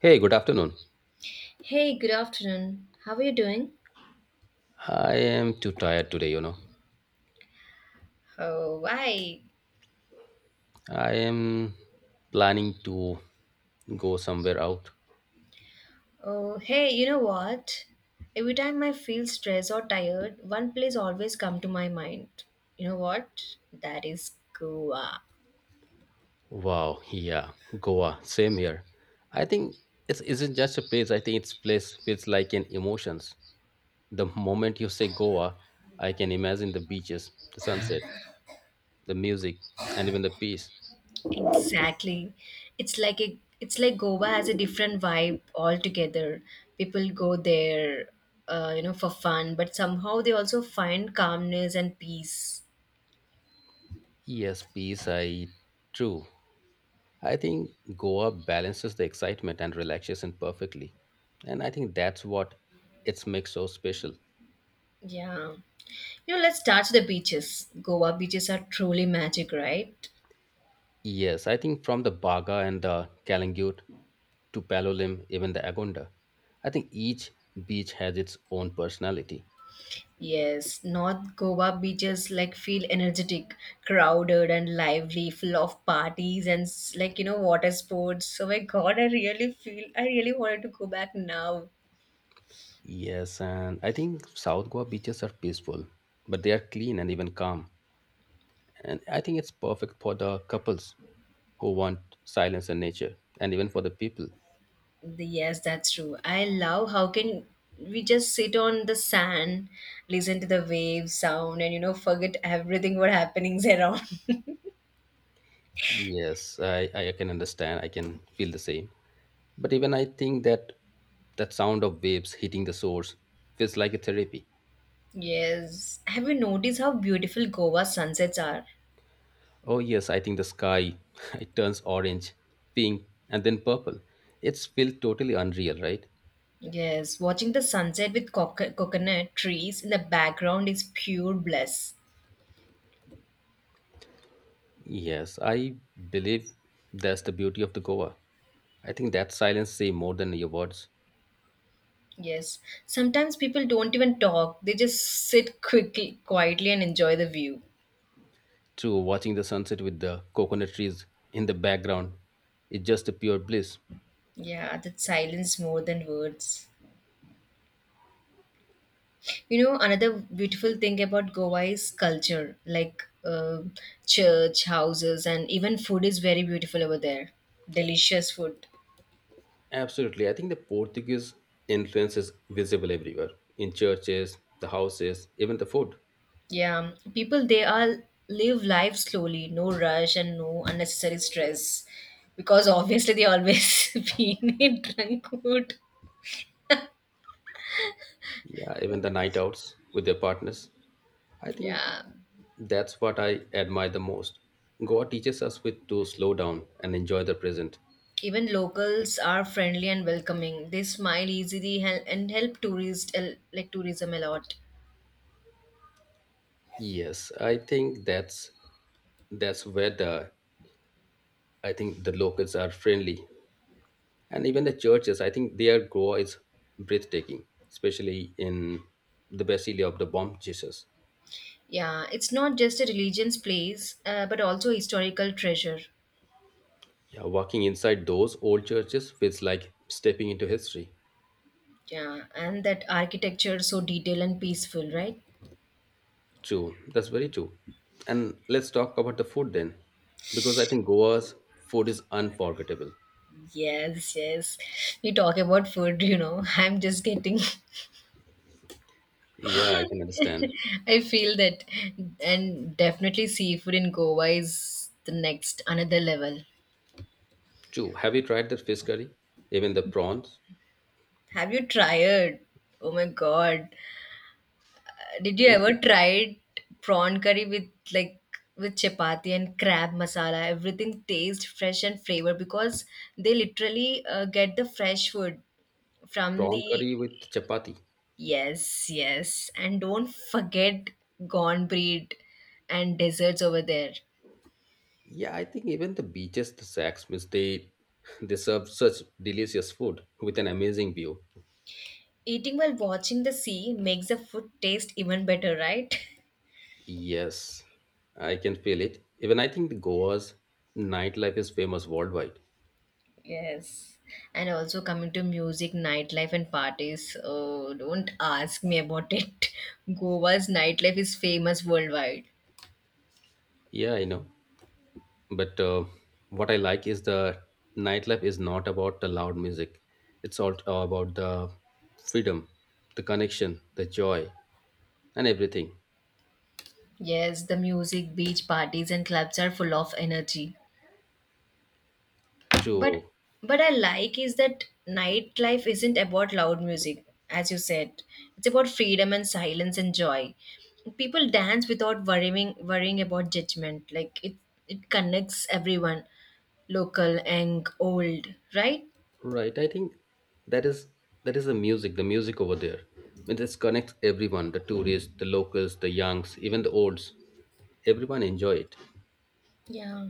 Hey, good afternoon. Hey, good afternoon. How are you doing? I am too tired today. Oh, why? I am planning to go somewhere out. Oh, hey, you know what? Every time I feel stressed or tired, one place always come to my mind. You know what? That is Goa. Wow, yeah, Goa, same here. I think it's isn't just a place. I think it's place feels like an emotions. The moment you say Goa, I can imagine the beaches, the sunset, the music, and even the peace. Exactly. It's like Goa has a different vibe altogether. People go there, for fun, but somehow they also find calmness and peace. Yes, peace. I true. I think Goa balances the excitement and relaxation perfectly. And I think that's what it's makes so special. Yeah. You know, let's start with the beaches. Goa beaches are truly magic, right? Yes, I think from the Baga and the Kalangut to Palolim, even the Agonda, I think each beach has its own personality. Yes, North Goa beaches like feel energetic, crowded and lively, full of parties and like you know water sports. So my God, I really wanted to go back now. Yes, and I think South Goa beaches are peaceful, but they are clean and even calm. And I think it's perfect for the couples who want silence and nature, and even for the people. Yes, that's true. I love how can we just sit on the sand, listen to the waves sound, and you know forget everything what happenings around. Yes, I can understand. I can feel the same. But even I think that that sound of waves hitting the shores feels like a therapy. Yes. Have you noticed how beautiful Goa sunsets are? Oh yes, I think the sky it turns orange, pink, and then purple. It's feel totally unreal, right? Yes, watching the sunset with coconut trees in the background is pure bliss. Yes, I believe that's the beauty of the Goa. I think that silence say more than your words. Yes, sometimes people don't even talk, they just quietly, and enjoy the view. True, watching the sunset with the coconut trees in the background is just a pure bliss. Yeah, that silence more than words. You know, another beautiful thing about Goa is culture, like church, houses, and even food is very beautiful over there. Delicious food. Absolutely. I think the Portuguese influence is visible everywhere in churches, the houses, even the food. Yeah, people they all live life slowly, no rush and no unnecessary stress because obviously they always been in drunk mood. Yeah, even the night outs with their partners. I think Yeah, that's what I admire the most. Goa teaches us with to slow down and enjoy the present. even locals are friendly and welcoming. They smile easily and help tourists like tourism a lot. Yes, I think that's where the, I think the locals are friendly. And even the churches, I think their Goa is breathtaking, especially in the Basilica of the Bomb Jesus. Yeah, it's not just a religion's place, but also historical treasure. Yeah, walking inside those old churches feels like stepping into history. Yeah, and that architecture so detailed and peaceful, right? True, that's very true. And let's talk about the food then, because I think Goa's food is unforgettable. Yes, yes. We talk about food, you know. I'm just getting Yeah, I can understand. I feel that, and definitely seafood in Goa is the next another level. True. Have you tried the fish curry? Even the prawns? Have you tried? Oh my god! Did you Even ever tried prawn curry with like with chapati and crab masala? Everything tastes fresh and flavor because they literally get the fresh food from prawn the curry with chapati. yes, yes, and don't forget gone breed and desserts over there. Yeah, I think even the beaches, the Sax means they serve such delicious food with an amazing view. Eating while watching the sea makes the food taste even better, right? Yes, I can feel it. Even I think the Goa's nightlife is famous worldwide. Yes. And also coming to music, nightlife, and parties. Oh, don't ask me about it. Goa's nightlife is famous worldwide. Yeah, I know. But what I like is the nightlife is not about the loud music. It's all about the freedom, the connection, the joy, and everything. Yes, the music, beach parties, and clubs are full of energy. but True. but I like is that nightlife isn't about loud music as you said, it's about freedom and silence and joy. People dance without worrying about judgment. It connects everyone, local and old, right? Right. I think that is that is the music, over there. It just connects everyone, the tourists, the locals, the youngs, even the olds. Everyone enjoy it. Yeah,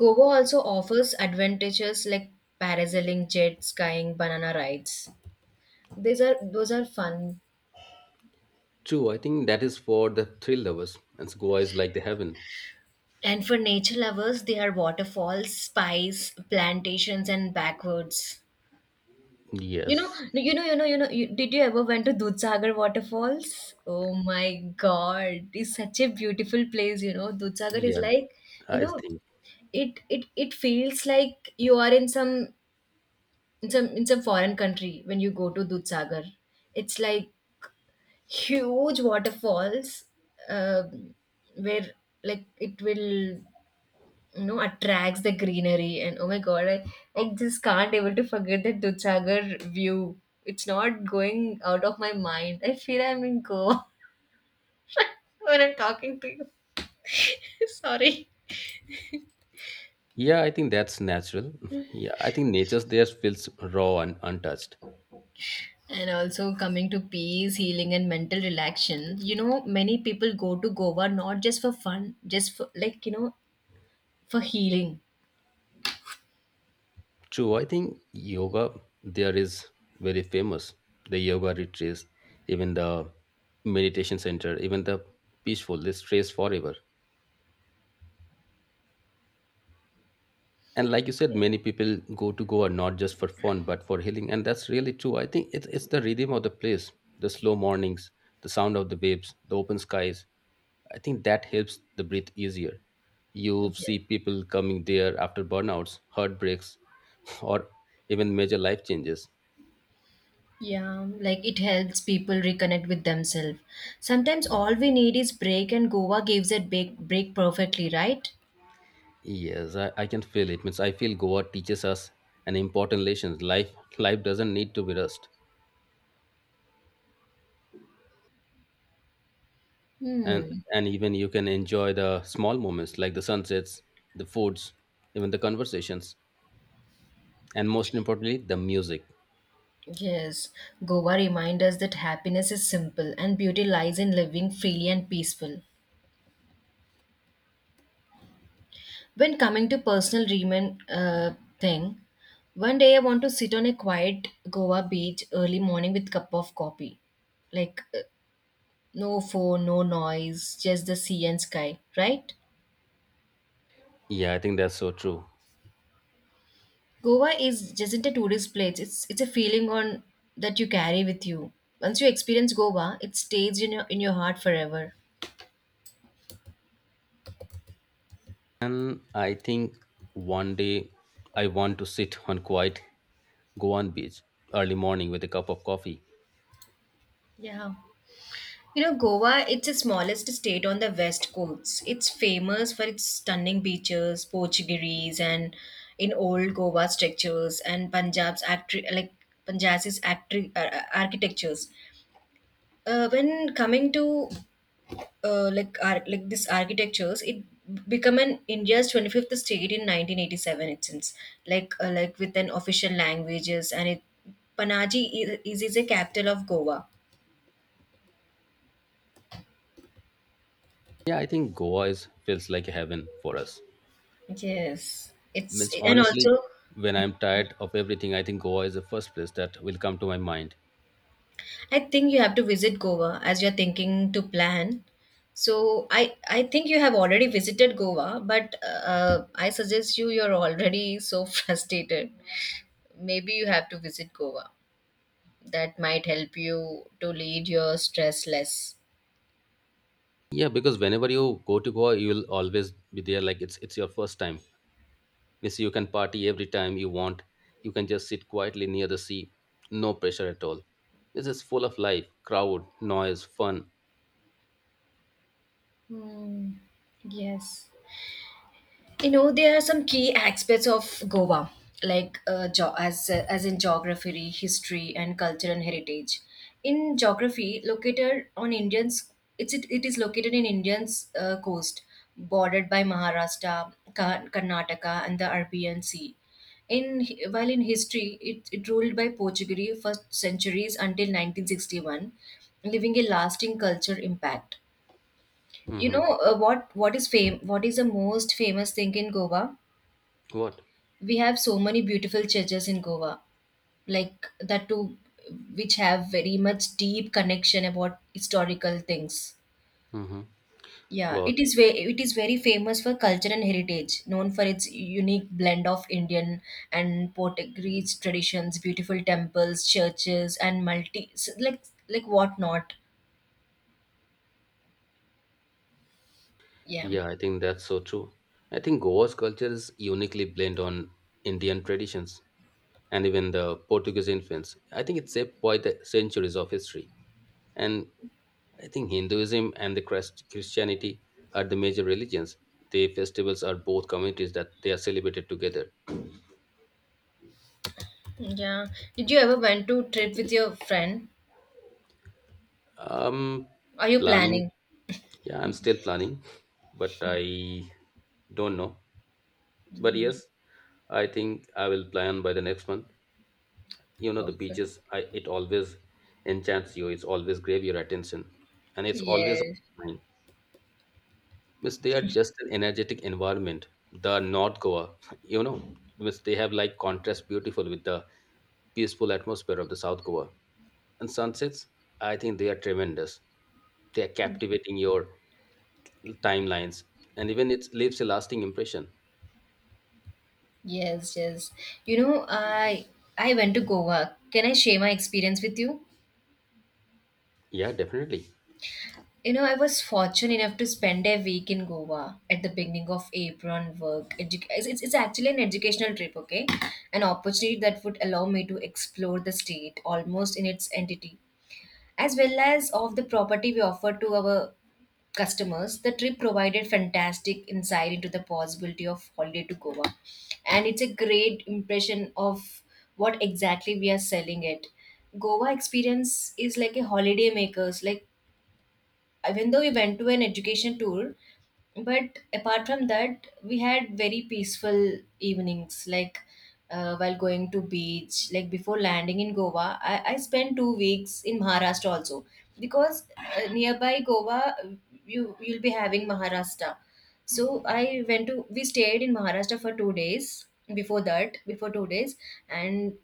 Goa also offers advantages like parasailing, jet skiing, banana rides. These are those are fun. True, I think that is for the thrill lovers, and Goa is like the heaven. And for nature lovers there are waterfalls, spice plantations and backwoods. You know, Yes. you know, you know, you know. You, Did you ever went to Dudhsagar waterfalls? Oh my God, it's such a beautiful place. You know, Dudhsagar is Yeah, like, you I know, think. it feels like you are in some foreign country when you go to Dudhsagar. It's like huge waterfalls, um where like it will you know attracts the greenery and oh my god I just can't able to forget the Dutchagar view. It's not going out of my mind. I feel I'm in Goa when I'm talking to you. Sorry. Yeah, I think that's natural. Yeah, I think nature's there feels raw and untouched. And also coming to peace, healing, and mental relaxation. You know, many people go to Goa not just for fun, just for like, you know, for healing. True, I think yoga there is very famous. The yoga retreats, even the meditation center, even the peaceful, they stays forever. And like you said, many people go to Goa not just for fun but for healing, and that's really true. I think it's the rhythm of the place, the slow mornings, the sound of the waves, the open skies. I think that helps the breathe easier. You Yeah. see people coming there after burnouts, heartbreaks, or even major life changes. Yeah, like it helps people reconnect with themselves. Sometimes all we need is break, and Goa gives that break perfectly, right? Yes, I can feel it means I feel Goa teaches us an important lesson. Life doesn't need to be rushed, and Hmm. and even you can enjoy the small moments like the sunsets, the foods, even the conversations, and most importantly the music. Yes, Goa reminds us that happiness is simple and beauty lies in living freely and peaceful. When coming to personal dreaming thing, one day I want to sit on a quiet Goa beach early morning with cup of coffee, like no phone, no noise, just the sea and sky. Right? Yeah, I think that's so true. Goa is just isn't a tourist place. It's a feeling on that you carry with you. Once you experience Goa, it stays in your heart forever. And I think one day I want to sit on quiet goan beach early morning with a cup of coffee. Yeah. You know, Goa, it's the smallest state on the west coast. It's famous for its stunning beaches, Portuguese, and in old Goa structures and Punjab's actri- like Punjab's actri- architectures. When coming to this architectures, it become an India's 25th state in 1987. It seems like with an official languages and it Panaji is a capital of Goa. Yeah, I think Goa is feels like heaven for us. Yes, it's Means and honestly, also. when I'm tired of everything, I think Goa is the first place that will come to my mind. I think you have to visit Goa as you're thinking to plan. So I think you have already visited Goa, but I suggest you you're already so frustrated. Maybe you have to visit Goa. That might help you to lead your stress less. Yeah, because whenever you go to Goa you will always be there like it's your first time. Yes, you can party every time you want. You can just sit quietly near the sea. No pressure at all. This is full of life, crowd, noise, fun. Hmm. Yes. You know there are some key aspects of Goa, like geography, history and cultural heritage. In geography, located on Indians, it is located in Indians coast, bordered by Maharashtra, Karnataka and the Arabian Sea. While in history it ruled by Portuguese for centuries until 1961, leaving a lasting culture impact. You know, Hmm. What is the most famous thing in Goa? What? We have so many beautiful churches in Goa, like that too, which have very much deep connection about historical things. Hmm. Yeah, Wow. It is very famous for culture and heritage, known for its unique blend of Indian and Portuguese traditions, beautiful temples, churches, and multi s- like what not. Yeah, Yeah, I think that's so true. I think Goa's culture is uniquely blend on Indian traditions and even the Portuguese influence. I think it's shaped by the centuries of history. And I think Hinduism and the Christianity are the major religions. The festivals are both communities that they are celebrated together. yeah. Did you ever went to trip with your friend? Um, Are you Planning. planning? Yeah, I'm still planning, but I don't know. But yes, I think I will plan by the next month. The Okay. beaches, it always enchants you. It's always grab your attention, and it's always Yes. mine. Miss, they are just an energetic environment. The North Goa, you know, miss, they have like contrast beautiful with the peaceful atmosphere of the South Goa. And sunsets, I think they are tremendous. They are captivating your timelines, and even it leaves a lasting impression. Yes, yes. You know, I went to Goa. Can I share my experience with you? Yeah, definitely. You know, I was fortunate enough to spend a week in Goa at the beginning of April on work. It's actually an educational trip, okay? An opportunity that would allow me to explore the state almost in its entity, as well as of the property we offer to our customers. The trip provided fantastic insight into the possibility of holiday to Goa, and it's a great impression of what exactly we are selling it. Goa experience is like a holiday makers, like even though we went to an education tour but apart from that we had very peaceful evenings, like while going to beach, like before landing in Goa I spent 2 weeks in Maharashtra also because nearby Goa you you'll be having Maharashtra. So I went to we stayed in Maharashtra for 2 days before that, before 2 days. And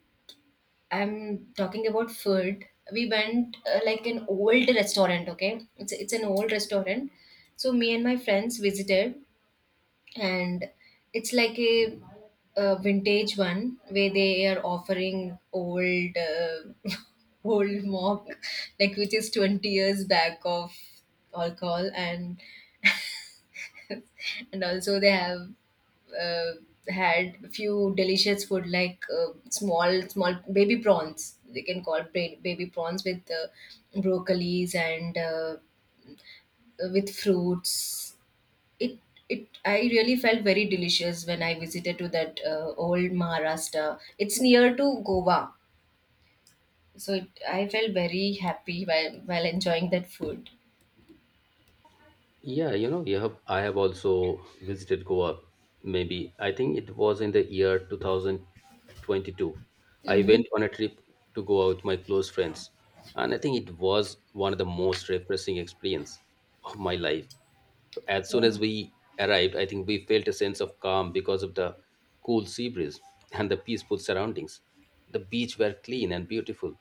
I'm talking about food. We went like an old restaurant, okay? It's an old restaurant. So me and my friends visited and it's like a vintage one where they are offering old old mock like which is 20 years back of alcohol and and also they have uh, had few delicious food like small small baby prawns they can call ba- baby prawns with broccolis and with fruits. it it I really felt very delicious when I visited to that old Maharashtra, it's near to Goa. So I felt very happy while enjoying that food. Yeah, you have I have also visited Goa. Maybe I think it was in the year 2022. I went on a trip to Goa with my close friends, and I think it was one of the most refreshing experience of my life. So as soon as we arrived, I think we felt a sense of calm because of the cool sea breeze and the peaceful surroundings. The beach were clean and beautiful,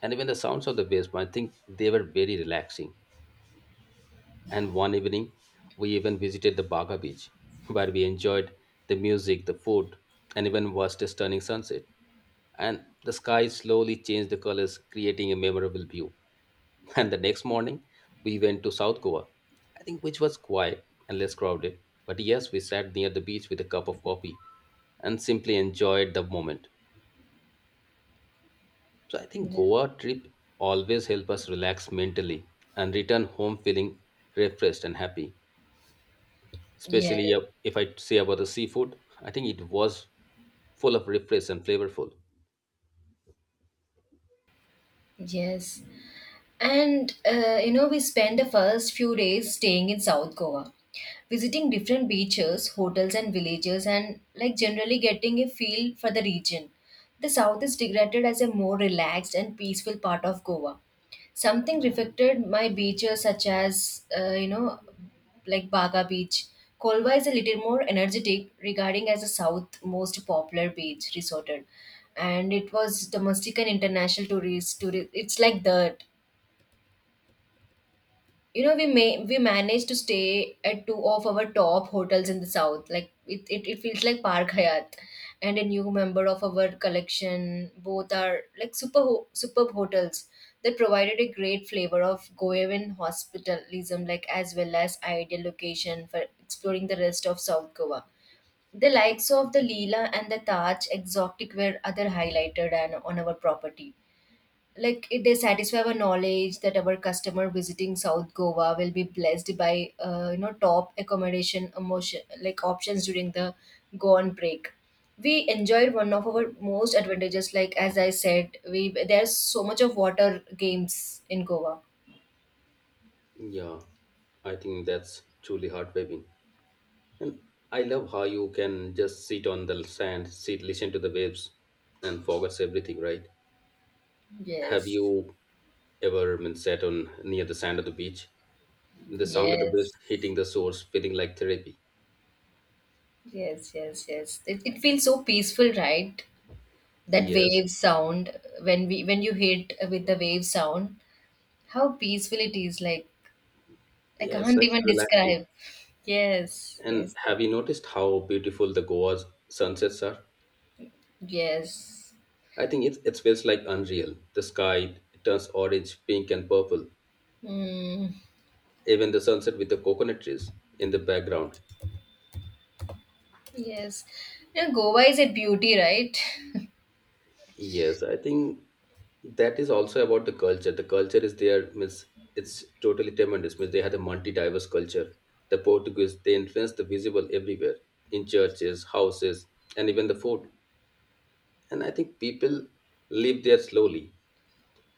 and even the sounds of the waves, I think they were very relaxing. And one evening, we even visited the Baga beach, where we enjoyed the music, the food, and even watched a stunning sunset. And the sky slowly changed the colors, creating a memorable view. And the next morning, we went to South Goa, I think which was quiet and less crowded. But yes, we sat near the beach with a cup of coffee and simply enjoyed the moment. So I think Yeah. Goa trip always help us relax mentally and return home feeling refreshed and happy. Yeah, Especially if I say about the seafood, I think it was full of refresh and flavorful. yes. And you know, we spent the first few days staying in South Goa, visiting different beaches, hotels, and villages, and like generally getting a feel for the region. The South is regarded as a more relaxed and peaceful part of Goa. Something reflected my beaches, such as you know, like Baga Beach. Kolva is a little more energetic, regarding as the south most popular beach resorted, and it was domestic and international tourists. Tourist, it's like that you know we managed to stay at two of our top hotels in the south, like it feels like Park Hyatt and a new member of our collection. Both are like superb hotels that provided a great flavor of goeven hospitalism, like as well as ideal location for exploring the rest of south Goa. The likes of the Leela and the Taj Exotic were other highlighted and on our property, like it they satisfy our knowledge that our customer visiting south Goa will be blessed by you know top accommodation emotion like options during the goan break. We enjoyed one of our most advantages, like as I said, we there's so much of water games in Goa. Yeah, I think that's truly heartwarming. And I love how you can just sit on the sand, listen to the waves, and forgets everything, right? Have yes you ever been sat on near the sand of the beach? The sound of the waves yes hitting the shores, feeling like therapy. Yes, it feels so peaceful right? That Yes, wave sound when we when you hit with the wave sound, how peaceful it is like I yes, can't like even relaxing. describe. Yes, yes, And that, have you noticed how beautiful the Goa's sunsets are? yes. I think it feels like unreal. The sky turns orange, pink, and purple. Mm, Even the sunset with the coconut trees in the background. yes. You know, Goa is a beauty, right? Yes, I think that is also about the culture. The culture is there, means it's totally tremendous. Means they had a multi-diverse culture. The Portuguese, they influenced the visible everywhere, in churches, houses, and even the food. And I think people live there slowly,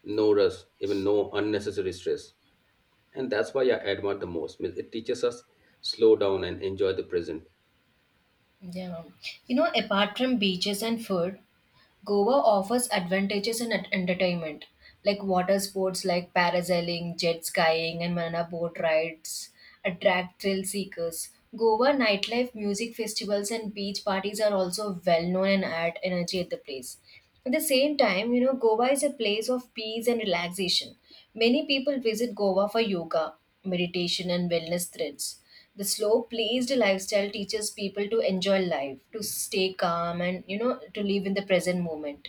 no rush, even no unnecessary stress. And that's why I admire the most. Means it teaches us slow down and enjoy the present. Yeah. You know, apart from beaches and food, Goa offers advantages in entertainment, like water sports like parasailing, jet skiing, and banana boat rides attract thrill seekers. Goa nightlife, music festivals, and beach parties are also well known and add energy at the place. At the same time, you know, Goa is a place of peace and relaxation. Many people visit Goa for yoga, meditation, and wellness thrills. The slow paced lifestyle teaches people to enjoy life, to stay calm, and you know, to live in the present moment.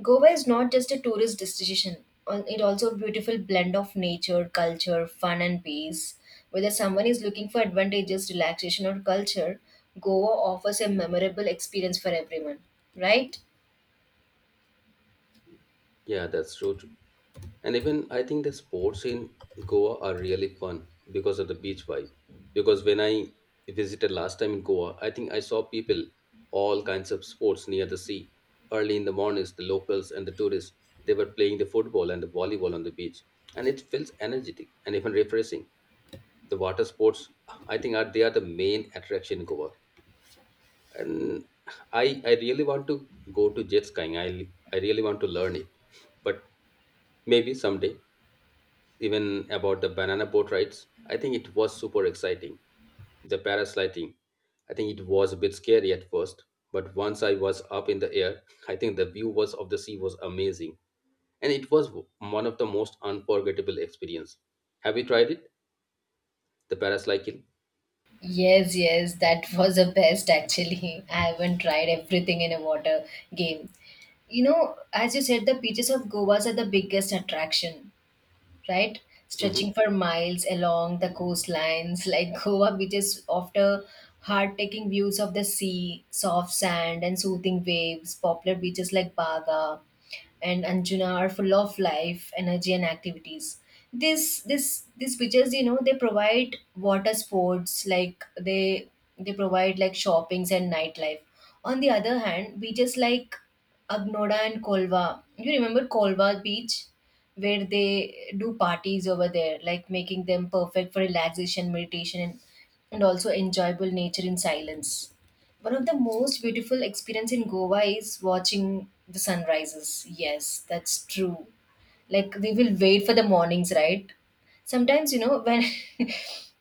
Goa is not just a tourist destination, it also a beautiful blend of nature, culture, fun, and peace. Whether someone is looking for advantages, relaxation, or culture, Goa offers a memorable experience for everyone, right? Yeah, that's true. And even I think the sports in Goa are really fun because of the beach vibe. Because when I visited last time in Goa, I think I saw people all kinds of sports near the sea. Early in the mornings, the locals and the tourists they were playing the football and the volleyball on the beach, and it feels energetic and even refreshing. The water sports, I think, are they are the main attraction in Goa, and I really want to go to jet skiing. I really want to learn it, but maybe someday even about the banana boat rides. I think it was super exciting. The parasliding, I think it was a bit scary at first, but once I was up in the air, I think the view was of the sea was amazing, and it was one of the most unforgettable experience. Have you tried it, the parasliding? Yes, yes, that was the best actually. I haven't tried everything in a water game. You know, as you said, the beaches of Goa are the biggest attraction, right? Hmm. Stretching for miles along the coastlines, like Goa beaches offer heart-taking views of the sea, soft sand, and soothing waves. Popular beaches like Baga and Anjuna are full of life, energy, and activities. This these beaches, you know, they provide water sports, like they provide like shoppings and nightlife. On the other hand, beaches like Agnoda and Kolva, you remember Kolva beach, where they do parties over there, like making them perfect for relaxation, meditation, and also enjoyable nature in silence. One of the most beautiful experience in Goa is watching the sunrises. Yes, that's true. Like we will wait for the mornings, right? Sometimes, you know, when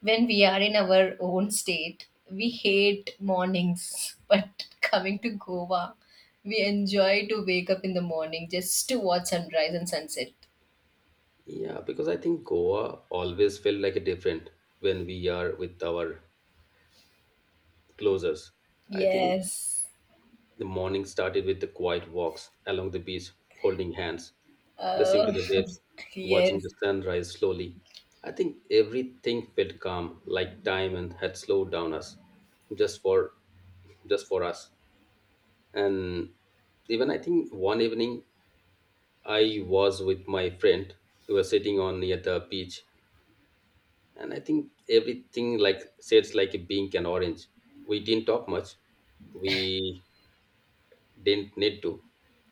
when we are in our own state, we hate mornings, but coming to Goa, we enjoy to wake up in the morning just to watch sunrise and sunset. Yeah, because I think Goa always felt like a different when we are with our closers. I think Yes. the morning started with the quiet walks along the beach, holding hands, listening to Uh, the waves, watching yes, the sun rise slowly. I think everything felt calm, like time and had slowed down us, just for, just for us. And even I think one evening I was with my friend. We were sitting on near the beach, and I think everything like shades like a pink and orange. We didn't talk much. We didn't need to.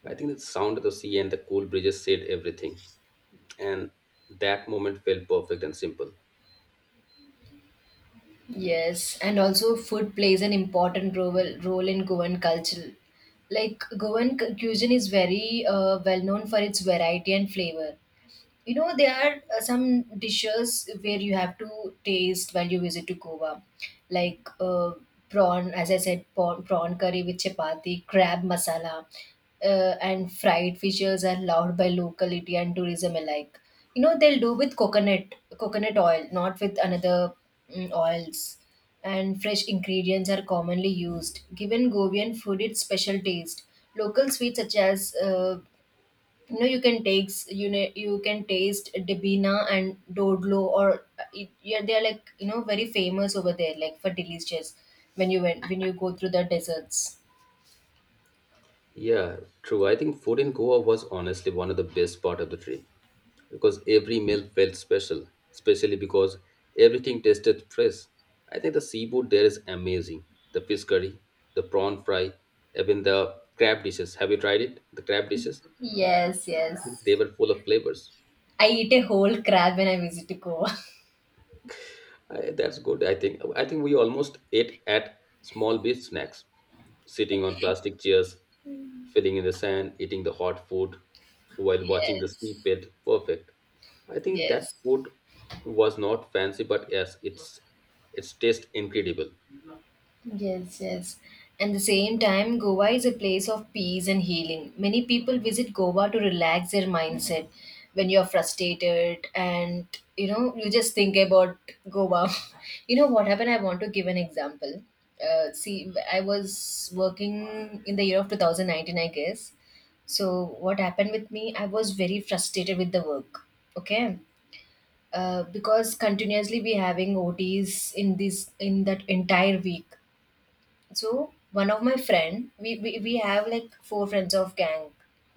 I think the sound of the sea and the cool breezes said everything. And that moment felt perfect and simple. yes, and also food plays an important role in Goan culture. Like Goan cuisine is very well known for its variety and flavor. You know, there are some dishes where you have to taste while you visit to Goa, like prawn, as I said, prawn curry with chapati, crab masala, and fried fishes are loved by locality and tourism alike. You know, they'll do with coconut, coconut oil, not with another oils. And fresh ingredients are commonly used. Given Goan food its special taste, local sweets such as you know you can take you know you can taste debina and dodlo or it, yeah they're like you know very famous over there like for delicious when you go through the deserts. Yeah, true. I think food in Goa was honestly one of the best part of the trip because every meal felt special, especially because everything tasted fresh. I think the seafood there is amazing. The fish curry, the prawn fry, even the crab dishes. Have you tried it? The crab dishes? Yes, I think they yes, were full of flavors. I eat a whole crab when I visit to Goa. That's good. I think we almost ate at small beach snacks, sitting on plastic chairs, filling in the sand, eating the hot food while watching the sea Yes, bed perfect. I think that yes. food was not fancy, but yes, it's taste incredible. Yes, yes. And the same time, Goa is a place of peace and healing. Many people visit Goa to relax their mindset when you're frustrated and you know you just think about Goa. You know what happened? I want to give an example. See, I was working in the year of 2019, I guess. So what happened with me? I was very frustrated with the work. Okay. Because continuously we having OTs in this in that entire week, so one of my friend, we have like four friends of gang.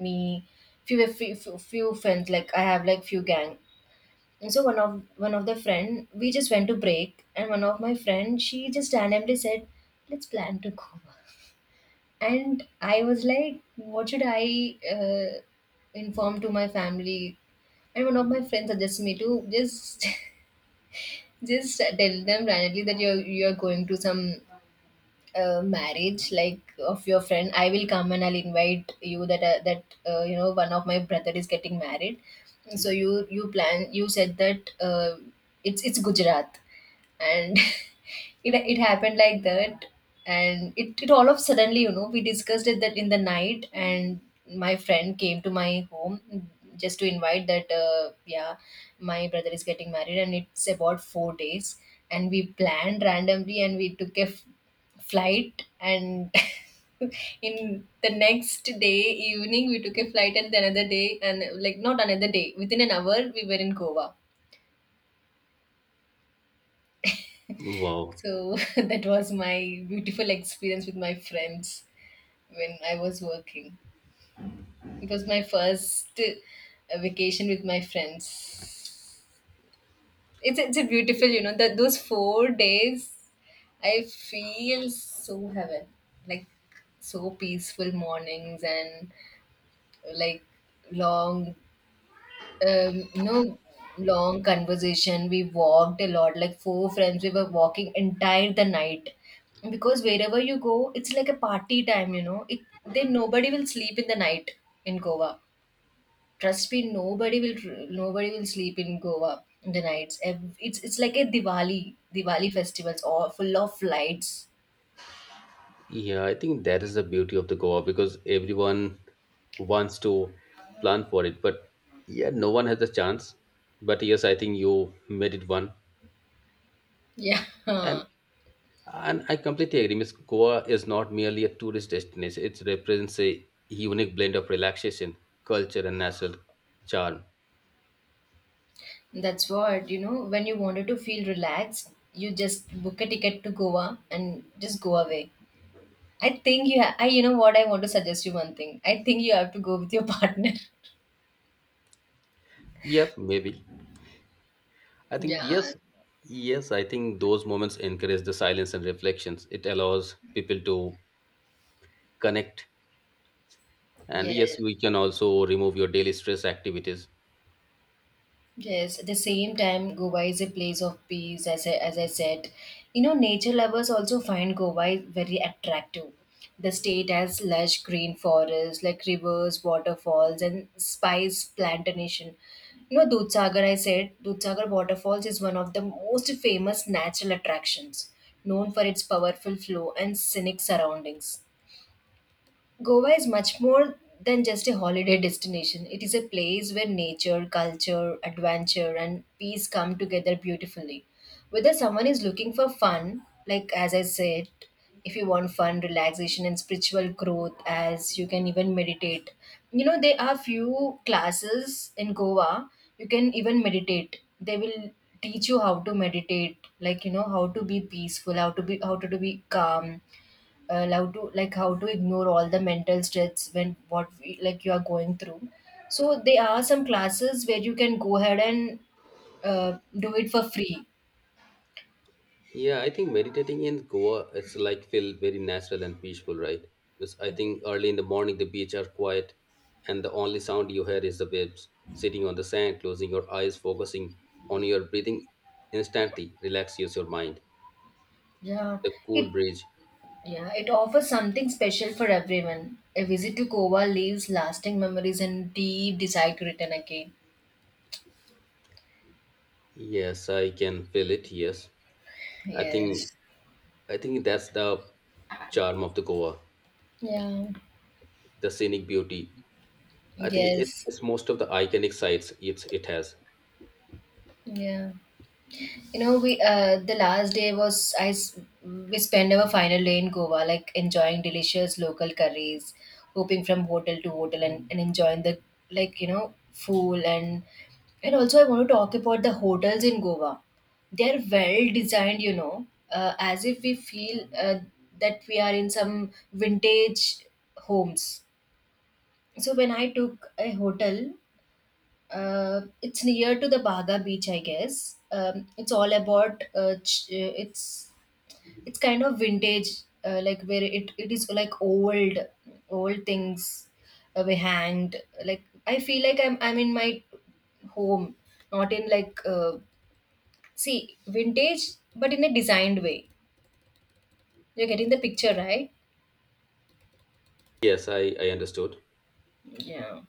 Me, few friends, like I have like few gang. And so one of the friend, we just went to break, and one of my friend, she just randomly said, "Let's plan to go." And I was like, "What should I inform to my family?" And one of my friends suggested me to just just tell them randomly that you're going to some marriage like of your friend. I will come and I'll invite you that you know one of my brother is getting married, so you plan, you said that it's Gujarat, and it happened like that. And it all of suddenly you know we discussed it that in the night, and my friend came to my home just to invite that yeah, my brother is getting married and it's about 4 days. And we planned randomly, and we took a flight. And in the next day evening we took a flight, and the another day, and like not another day, within an hour we were in Goa. Wow. So that was my beautiful experience with my friends when I was working. It was my first vacation with my friends. It's a beautiful, you know, that those 4 days I feel so heaven, like so peaceful mornings and like long you know, long conversation. We walked a lot, like four friends. We were walking entire the night because wherever you go, it's like a party time. You know, it then nobody will sleep in the night in Goa. Trust me, nobody will sleep in Goa in the nights. It's like a Diwali festivals, all full of lights. Yeah, I think that is the beauty of the Goa because everyone wants to plan for it, but yeah, no one has the chance. But yes, I think you made it one. Yeah. And And I completely agree. Miss Goa is not merely a tourist destination, it represents a unique blend of relaxation, culture, and natural charm. That's what, you know, when you wanted to feel relaxed, you just book a ticket to Goa and just go away. I think you I, you know what I want to suggest you one thing. I think you have to go with your partner. Yep, maybe. I think, Yeah, yes, yes, I think those moments encourage the silence and reflections. It allows people to connect. And yes, yes, we can also remove your daily stress activities. yes. At the same time, Goa is a place of peace, as I said. You know, nature lovers also find Goa very attractive. The state has lush green forests, like rivers, waterfalls, and spice plantation. You know, Dudhsagar waterfalls is one of the most famous natural attractions, known for its powerful flow and scenic surroundings. Goa is much more than just a holiday destination. It is a place where nature, culture, adventure, and peace come together beautifully. Whether someone is looking for fun, like as I said, if you want fun, relaxation, and spiritual growth, as you can even meditate. You know, there are few classes in Goa. You can even meditate. They will teach you how to meditate, like you know, how to be peaceful, how to be calm, how to like how to ignore all the mental stress when what we, like you are going through. So there are some classes where you can go ahead and do it for free. Yeah, I think meditating in Goa, it's like feel very natural and peaceful, right? Because I think early in the morning the beach are quiet, and the only sound you hear is the waves. Sitting on the sand, closing your eyes, focusing on your breathing, instantly relaxes your mind. Yeah. The cool it breeze. Yeah, it offers something special for everyone. A visit to Kova leaves lasting memories and deep desire to return again. Yes, I can feel it. Yes, I think Yes. I think that's the charm of the Goa, Yeah. the scenic beauty. I think it's, Yes. it's most of the iconic sites it's it has. Yeah. You know, we the last day was we spent our final day in Goa, like enjoying delicious local curries, hopping from hotel to hotel, and enjoying the like you know food. And also I want to talk about the hotels in Goa. They're well designed, you know, as if we feel that we are in some vintage homes. So when I took a hotel, it's near to the Baga beach, I guess. It's all about it's kind of vintage, like where it is like old things were hanged. Like I feel like I'm in my home, not in like see vintage, but in a designed way. You're getting the picture, right? Yes, I understood. Yeah.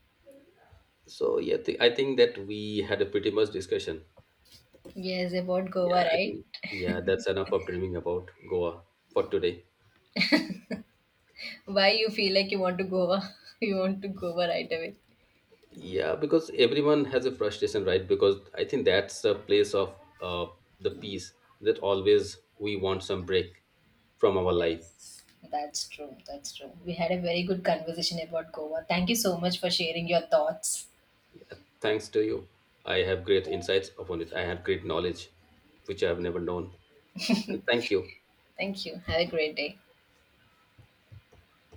So yeah, I think that we had a pretty much discussion. Yes, about Goa, Yeah, I right? think yeah, that's enough of dreaming about Goa for today. Why you feel like you want to Goa? You want to Goa right away? Yeah, because everyone has a frustration, right? Because I think that's a place of uh, the peace that always we want some break from our life. Yes, that's true. That's true. We had a very good conversation about Goa. Thank you so much for sharing your thoughts. Yeah, thanks to you, I have great insights upon it. I have great knowledge which I have never known. And thank you. Thank you. Have a great day.